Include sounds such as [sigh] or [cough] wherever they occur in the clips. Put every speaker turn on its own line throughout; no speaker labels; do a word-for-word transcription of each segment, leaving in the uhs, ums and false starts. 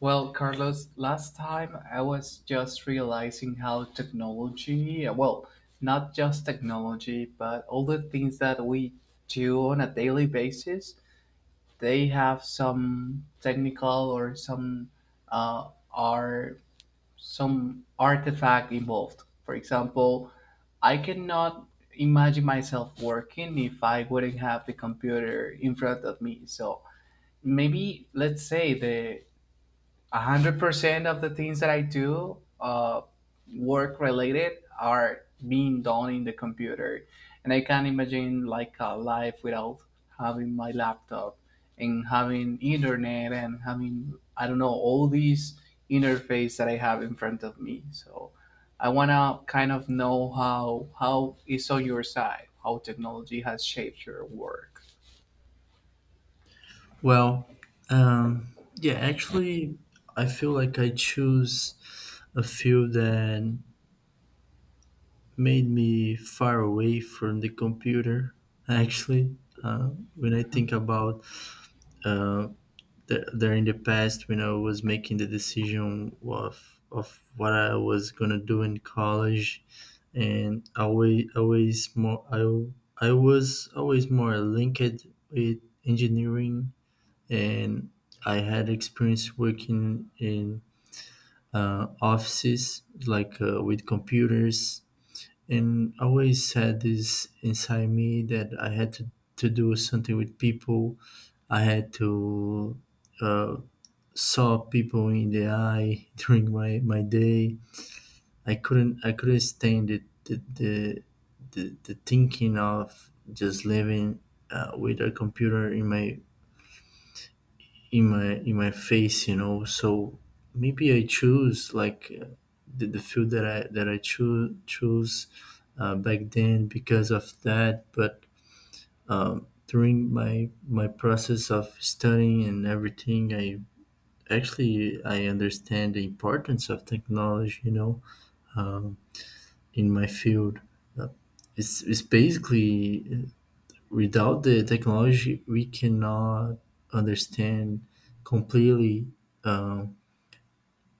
Well, Carlos, last time I was just realizing how technology, well, not just technology, but all the things that we do on a daily basis, they have some technical or some uh, are some artifact involved. For example, I cannot imagine myself working if I wouldn't have the computer in front of me. So maybe let's say the a hundred percent of the things that I do, uh, work related, are being done in the computer, and I can't imagine like a life without having my laptop and having internet and having I don't know all these interface that I have in front of me. So I wanna kind of know how how is on your side, how technology has shaped your work.
Well, um, yeah, actually, I feel like I choose a field that made me far away from the computer. Actually, uh, when I think about uh, the, there in the past, when I was making the decision of of what I was gonna do in college, and always always more I I was always more linked with engineering and I had experience working in uh, offices like uh, with computers, and I always had this inside me that I had to, to do something with people. I had to uh, saw people in the eye [laughs] during my, my day. I couldn't I couldn't stand it the the, the, the thinking of just living uh, with a computer in my in my in my face, you know. So maybe I choose like uh, the, the field that i that i choose choose uh, back then because of that. But during my my process of studying and everything, i actually I understand the importance of technology, you know, in my field. Uh, it's, it's basically uh, without the technology we cannot understand completely, um,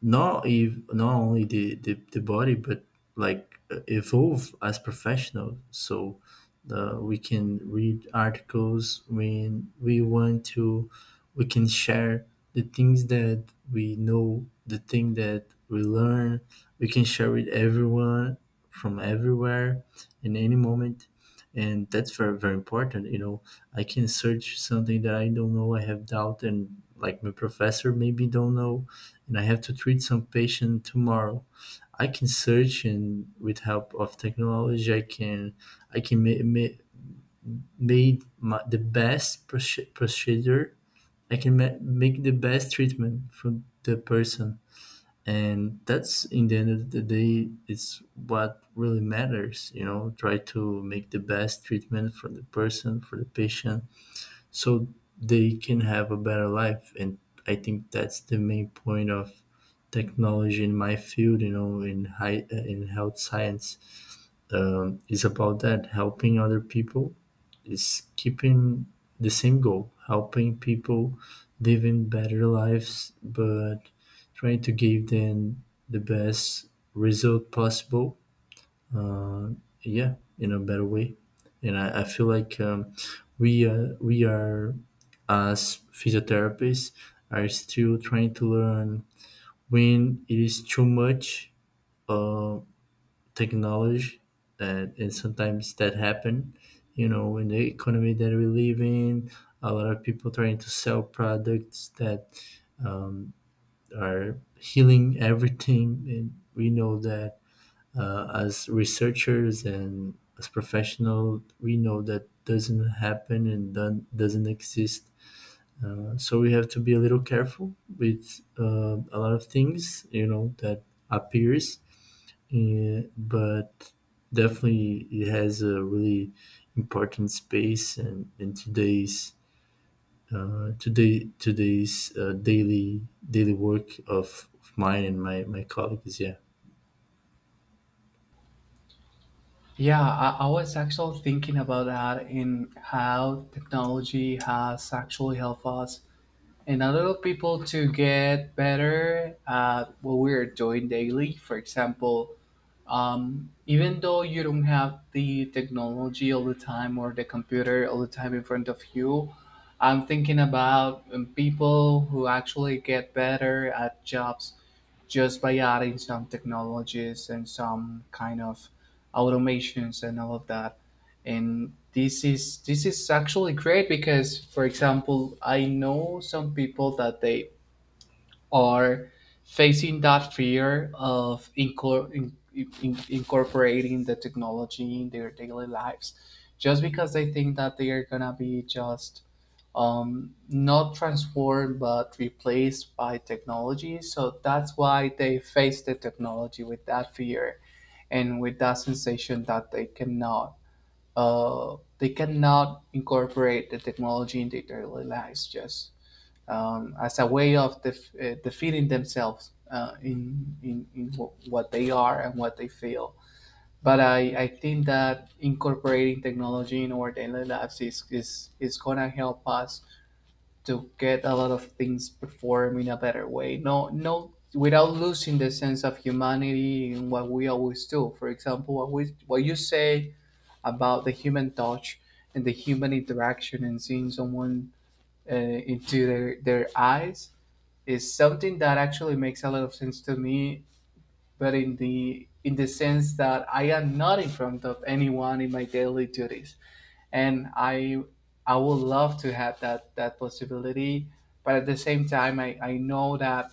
not if not only the, the, the body but like uh, evolve as professional. So uh, we can read articles when we want to, we can share the things that we know, the thing that we learn, we can share with everyone, from everywhere, in any moment, and that's very very important, you know. I can search something that I don't know, I have doubt, and like my professor maybe don't know, and I have to treat some patient tomorrow. I can search, and with help of technology, I can I can ma- ma- made my, the best proce- procedure. I can ma- make the best treatment for the person, and that's in the end of the day, it's what really matters. You know, try to make the best treatment for the person, for the patient, so they can have a better life. And I think that's the main point of technology in my field, you know, in high uh, in health science. Um, is about that, helping other people, is keeping the same goal, helping people living better lives, but trying to give them the best result possible, yeah, in a better way. And i, I feel like um, we uh, we are, as physiotherapists, are still trying to learn when it is too much technology. That, and sometimes that happen, you know, in the economy that we live in, a lot of people trying to sell products that are healing everything, and we know that, uh, as researchers and as professional, we know that doesn't happen and don- doesn't exist. Uh, so we have to be a little careful with uh, a lot of things, you know, that appears. And, but definitely it has a really important space and in today's uh, today today's uh, daily daily work of, of mine and my, my colleagues, yeah.
Yeah, I, I was actually thinking about that in how technology has actually helped us and other people to get better at what we're doing daily. For example, um, even though you don't have the technology all the time or the computer all the time in front of you, I'm thinking about um, people who actually get better at jobs just by adding some technologies and some kind of automations and all of that. And this is this is actually great because, for example, I know some people that they or facing that fear of incor- in, in, incorporating the technology in their daily lives just because they think that they are going to be just um, not transformed but replaced by technology. So that's why they face the technology with that fear and with that sensation that they cannot uh, they cannot incorporate the technology in their daily lives just um, as a way of def- uh, defeating themselves uh, in, in, in wh- what they are and what they feel. But I, I think that incorporating technology in our daily lives is, is, is going to help us to get a lot of things performed in a better way. No, no, without losing the sense of humanity in what we always do. For example, what, we, what you say about the human touch and the human interaction and seeing someone uh, into their, their eyes is something that actually makes a lot of sense to me, but in the in the sense that I am not in front of anyone in my daily duties, and i i would love to have that that possibility. But at the same time, i i know that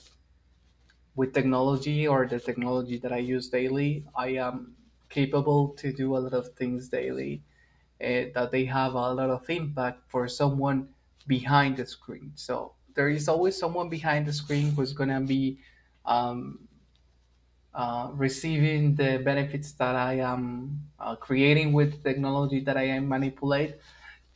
with technology or the technology that I use daily, I am capable to do a lot of things daily, eh, that they have a lot of impact for someone behind the screen. So there is always someone behind the screen who's gonna be um, uh, receiving the benefits that I am uh, creating with the technology that I am manipulate,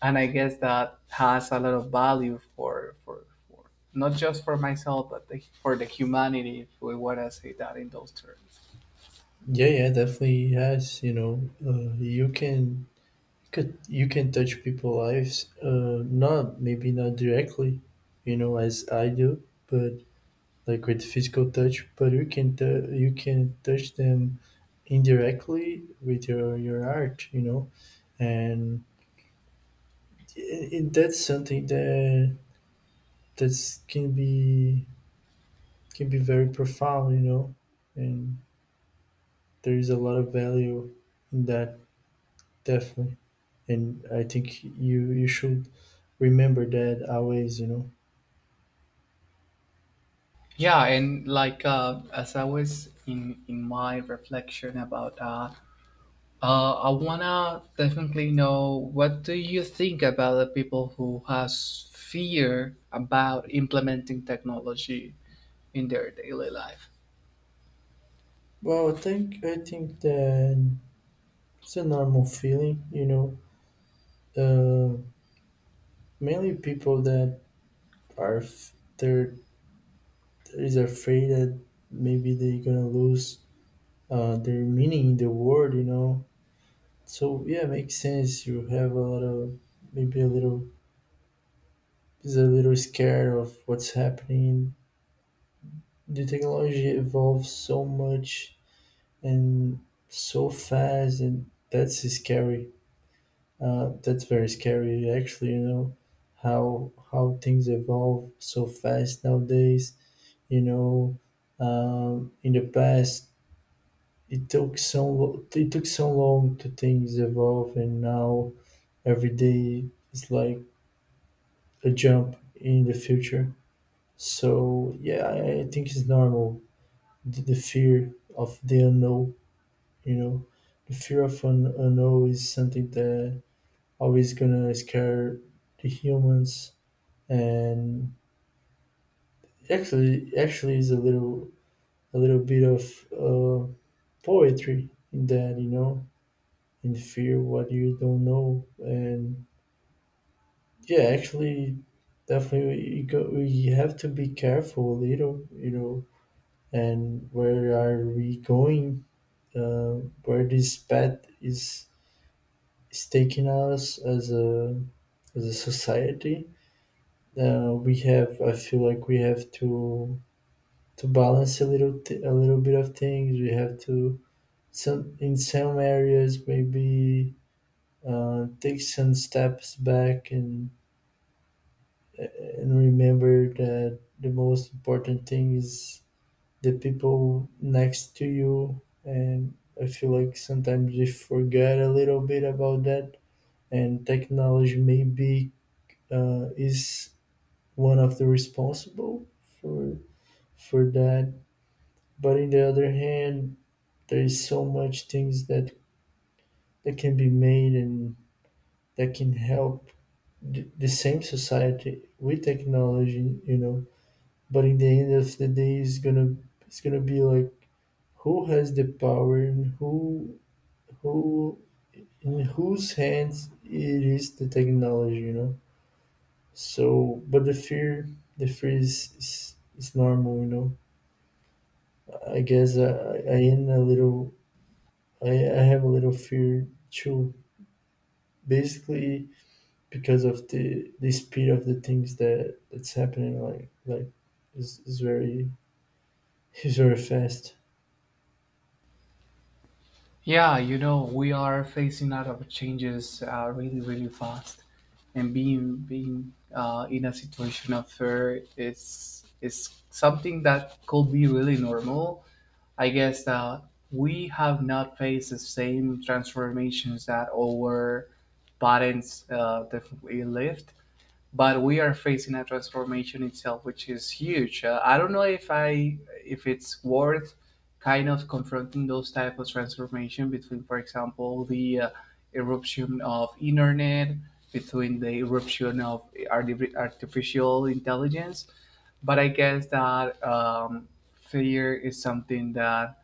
and I guess that has a lot of value for for, for not just for myself but the, for the humanity, if we want to say that in those terms.
Yeah, yeah, definitely has, you know. Uh, you can, could you can touch people's lives, uh, not, maybe not directly, you know, as I do, but like with physical touch, but you can tou- you can touch them indirectly with your your art, you know. and, and that's something that that's can be can be very profound, you know, and there is a lot of value in that, definitely. And I think you you should remember that always, you know.
Yeah, and like uh, as I was in in my reflection about that. Uh, I wanna definitely know, what do you think about the people who has fear about implementing technology in their daily life?
Well, I think I think that it's a normal feeling, you know. Uh, Mainly people that Are f- they're is afraid that maybe they're gonna lose uh, their meaning in the world, you know. So yeah, makes sense. You have a lot of, maybe a little, is a little scared of what's happening. The technology evolves so much and so fast, and that's scary. Uh, that's very scary, actually. You know how how things evolve so fast nowadays. You know, um, in the past it took so it took so long to things evolve, and now every day is like a jump in the future. So yeah, i I think it's normal, the, the fear of the unknown, you know. The fear of an unknown is something that always gonna scare the humans. And actually actually is a little, a little bit of uh, poetry in that, you know, in fear what you don't know. And yeah, actually, definitely, we go. We have to be careful, a little, you know. And where are we going? Uh, where this path is is taking us as a, as a society? Uh, we have. I feel like we have to to balance a little th- a little bit of things. We have to, some, in some areas maybe uh, take some steps back and and remember that the most important thing is the people next to you. And I feel like sometimes we forget a little bit about that, and technology maybe uh, is one of the responsible for for that. But in the other hand, there is so much things that that can be made and that can help the, the same society with technology, you know. But in the end of the day, it's gonna, it's gonna be like who has the power, and who who in whose hands it is the technology, you know. So, but the fear, the fear is is, is normal, you know. I guess i I am a little, I, I have a little fear too, basically, because of the the speed of the things that that's happening, like like is, is very [laughs] is very fast.
Yeah, you know, we are facing a lot of changes uh, really, really fast, and being being uh, in a situation of fear is is something that could be really normal. I guess that we have not faced the same transformations that our parents uh, definitely lived, but we are facing a transformation itself, which is huge. Uh, I don't know if I if it's worth kind of confronting those type of transformation between, for example, the uh, eruption of internet, between the eruption of arti- artificial intelligence. But I guess that um, fear is something that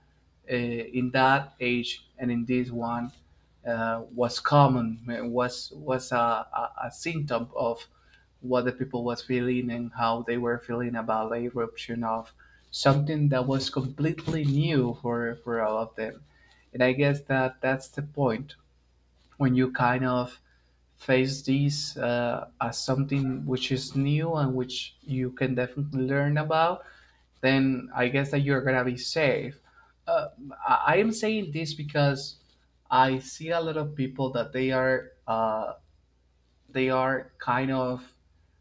uh, in that age and in this one uh, was common, uh, was was a, a, a symptom of what the people was feeling and how they were feeling about the eruption of something that was completely new for for all of them. And I guess that that's the point. When you kind of face this uh, as something which is new and which you can definitely learn about, then I guess that you're gonna be safe. uh, i I am saying this because I see a lot of people that they are uh, they are kind of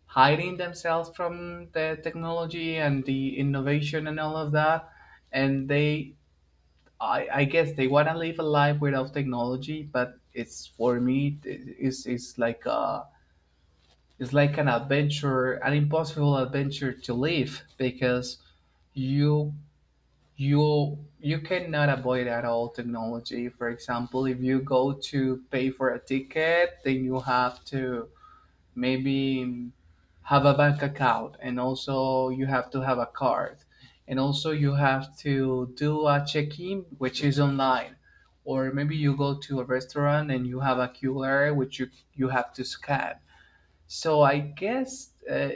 hiding themselves from the technology and the innovation and all of that, and they i, I guess they want to live a life without technology, but it's for me it- it's, it's like a, it's like an adventure, an impossible adventure to live, because you you you cannot avoid at all technology. For example, if you go to pay for a ticket, then you have to maybe have a bank account, and also you have to have a card, and also you have to do a check-in, which is online. Or maybe you go to a restaurant and you have a Q R which you you have to scan. So I guess, uh,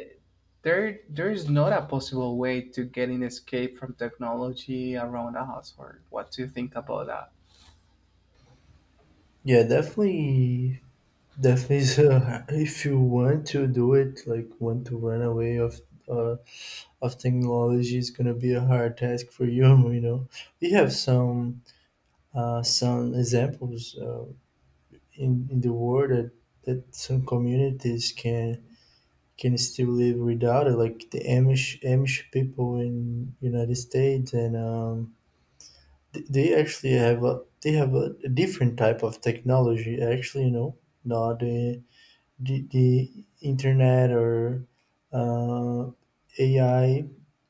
there there is not a possible way to get an escape from technology around us. Or what do you think about that?
Yeah, definitely. Definitely. So [laughs] if you want to do it, like want to run away of uh, of technology, it's gonna be a hard task for you. [laughs] You know, we have some uh, some examples uh, in in the world that, that some communities can can still live without it, like the Amish Amish people in United States. And um, th- they actually have a, they have a, a different type of technology. Actually, you know, not the the, the internet or uh, A I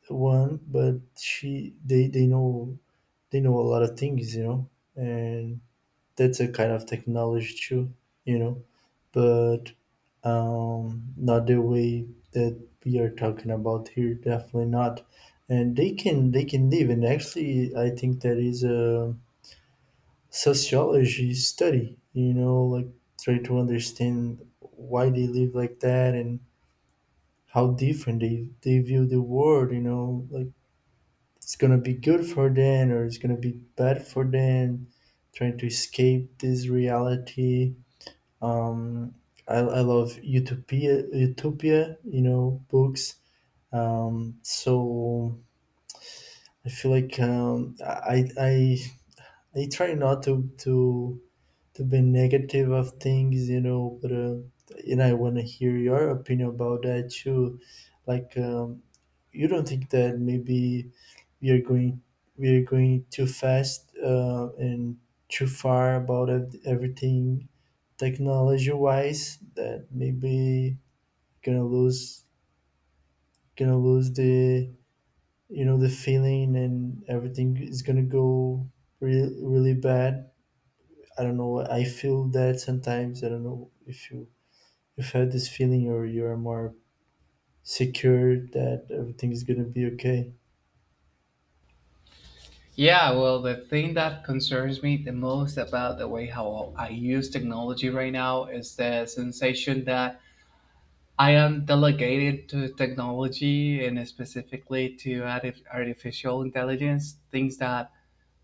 one, but she they they know, they know a lot of things, you know, and that's a kind of technology too, you know. But um, not the way that we are talking about here, definitely not. And they can, they can live, and actually, I think that is a sociology study, you know, like try to understand why they live like that, and how different they they view the world, you know. Like, it's gonna be good for them or it's gonna be bad for them, trying to escape this reality. um i, I love utopia utopia, you know, books. Um so I feel like um i i I try not to to to be negative of things, you know. But uh, and I want to hear your opinion about that too. Like, um you don't think that maybe we are going we are going too fast, uh, and too far about ev- everything technology wise, that maybe gonna lose gonna lose the, you know, the feeling, and everything is gonna go really really bad? I don't know. I feel that sometimes. I don't know if you, if you had this feeling, or you are more secure that everything is gonna be okay.
Yeah, well, the thing that concerns me the most about the way how I use technology right now is the sensation that I am delegated to technology and specifically to arti- artificial intelligence, things that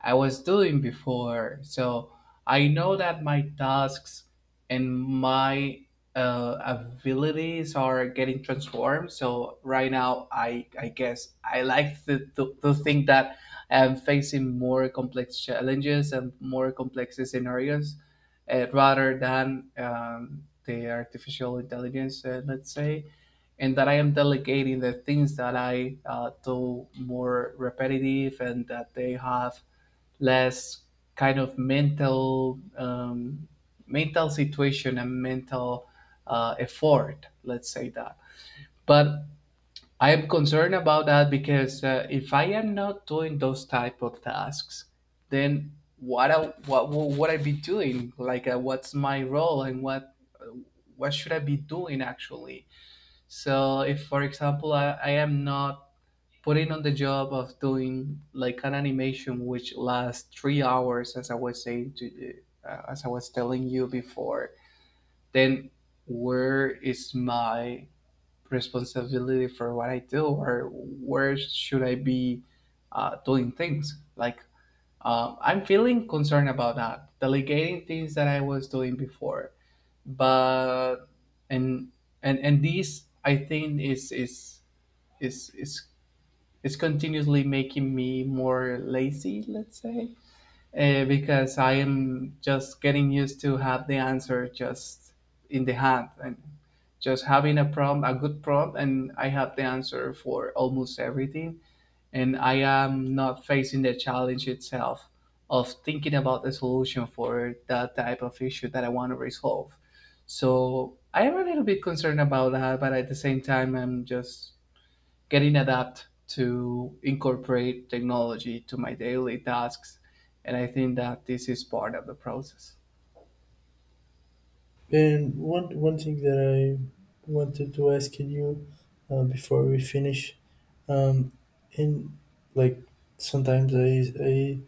I was doing before. So I know that my tasks and my uh, abilities are getting transformed. So right now, I I guess I like to, to, to think that I'm facing more complex challenges and more complex scenarios uh, rather than um, the artificial intelligence, uh, let's say, and that I am delegating the things that I uh, do more repetitive and that they have less kind of mental um, mental situation and mental uh, effort, let's say that. But I am concerned about that because, uh, if I am not doing those type of tasks, then what I, what what I be doing, like uh, what's my role and what uh, what should I be doing actually. So if, for example, i, I am not putting on the job of doing like an animation which lasts three hours, as I was saying to you, uh, as I was telling you before, then where is my responsibility for what I do, or where should I be uh, doing things? Like um, I'm feeling concerned about that, delegating things that I was doing before, but and and and this I think is is is is it's continuously making me more lazy, let's say, uh, because I am just getting used to have the answer just in the hand, and just having a prompt, a good prompt, and I have the answer for almost everything, and I am not facing the challenge itself of thinking about the solution for that type of issue that I want to resolve. So I am a little bit concerned about that, but at the same time I'm just getting adapt to incorporate technology to my daily tasks, and I think that this is part of the process.
And one one thing that I wanted to ask you, uh, before we finish, um, in like, sometimes I I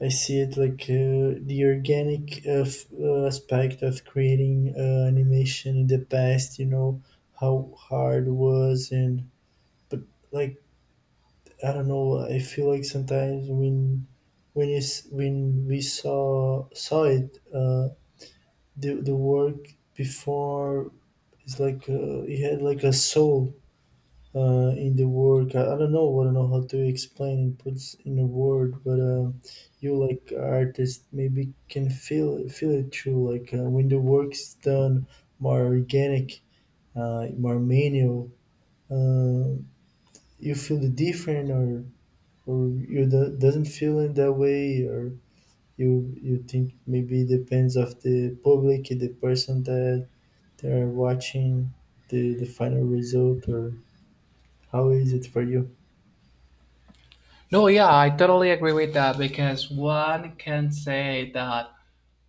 I see it like, uh, the organic uh, f- uh, aspect of creating uh, animation in the past. You know how hard it was. And, but like, I don't know. I feel like sometimes when when is when we saw saw it, uh, the the work before, it's like, uh, he had like a soul uh, in the work. I, I don't know. I don't know how to explain and puts in a word. But uh, you like artist maybe can feel feel it too. Like, uh, when the work's done more organic, uh, more manual, uh, you feel the different? or or you do, doesn't feel in that way? Or you you think maybe it depends of the public, the person that they are watching the the final result? Or, how is it for you?
No, yeah, I totally agree with that, because one can say that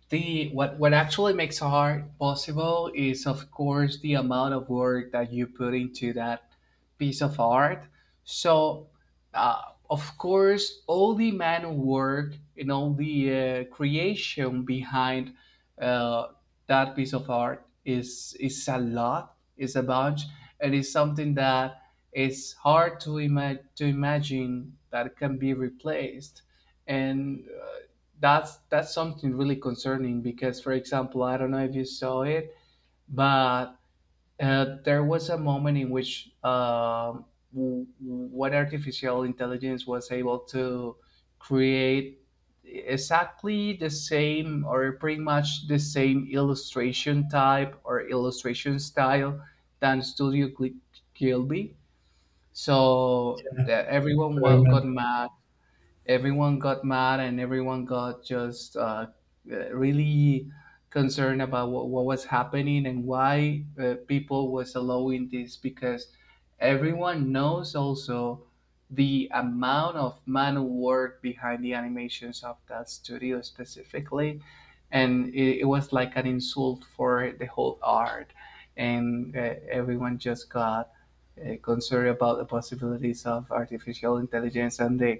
the what what actually makes art possible is of course the amount of work that you put into that piece of art. So, uh, of course all the manual work and all the uh, creation behind uh, that piece of art is is a lot, is a bunch, and is something that is hard to imagine to imagine that can be replaced. And uh, that's that's something really concerning because, for example, I don't know if you saw it, but uh, there was a moment in which um, w- what artificial intelligence was able to create exactly the same or pretty much the same illustration type or illustration style than studio Gl- gilby, so
Yeah,
that everyone
I
wa- got
remember.
mad. Everyone got mad, and everyone got just uh, uh, really concerned about what, what was happening and why, uh, people was allowing this, because everyone knows also the amount of manual work behind the animations of that studio specifically, and it, it was like an insult for the whole art. And, uh, everyone just got uh, concerned about the possibilities of artificial intelligence and the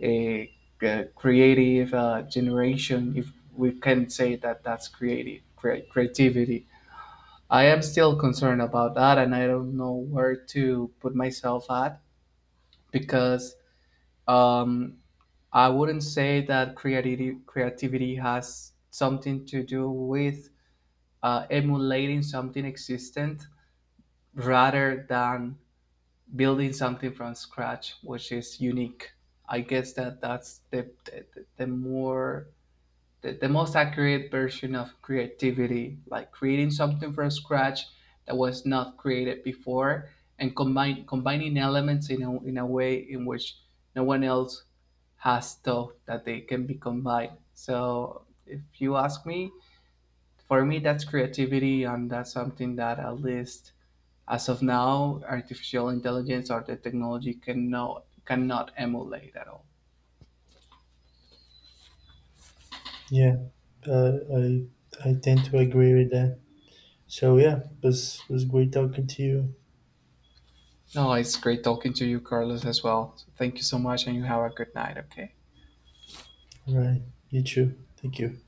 a, uh, creative uh, generation, if we can say that that's creative cre- creativity. I am still concerned about that, and I don't know where to put myself at, because um, I wouldn't say that creativity creativity has something to do with uh, emulating something existent rather than building something from scratch, which is unique. I guess that that's the the, the more the, the most accurate version of creativity, like creating something from scratch that was not created before, and combine combining elements in a, in a way in which no one else has thought that they can be combined. So if you ask me, for me that's creativity, and that's something that, at least as of now, artificial intelligence or the technology cannot cannot emulate at all.
Yeah, uh, I I tend to agree with that. So yeah, was was great talking to you.
No, it's great talking to you, Carlos, as well. So thank you so much, and you have a good night, okay?
All right, you too. Thank you.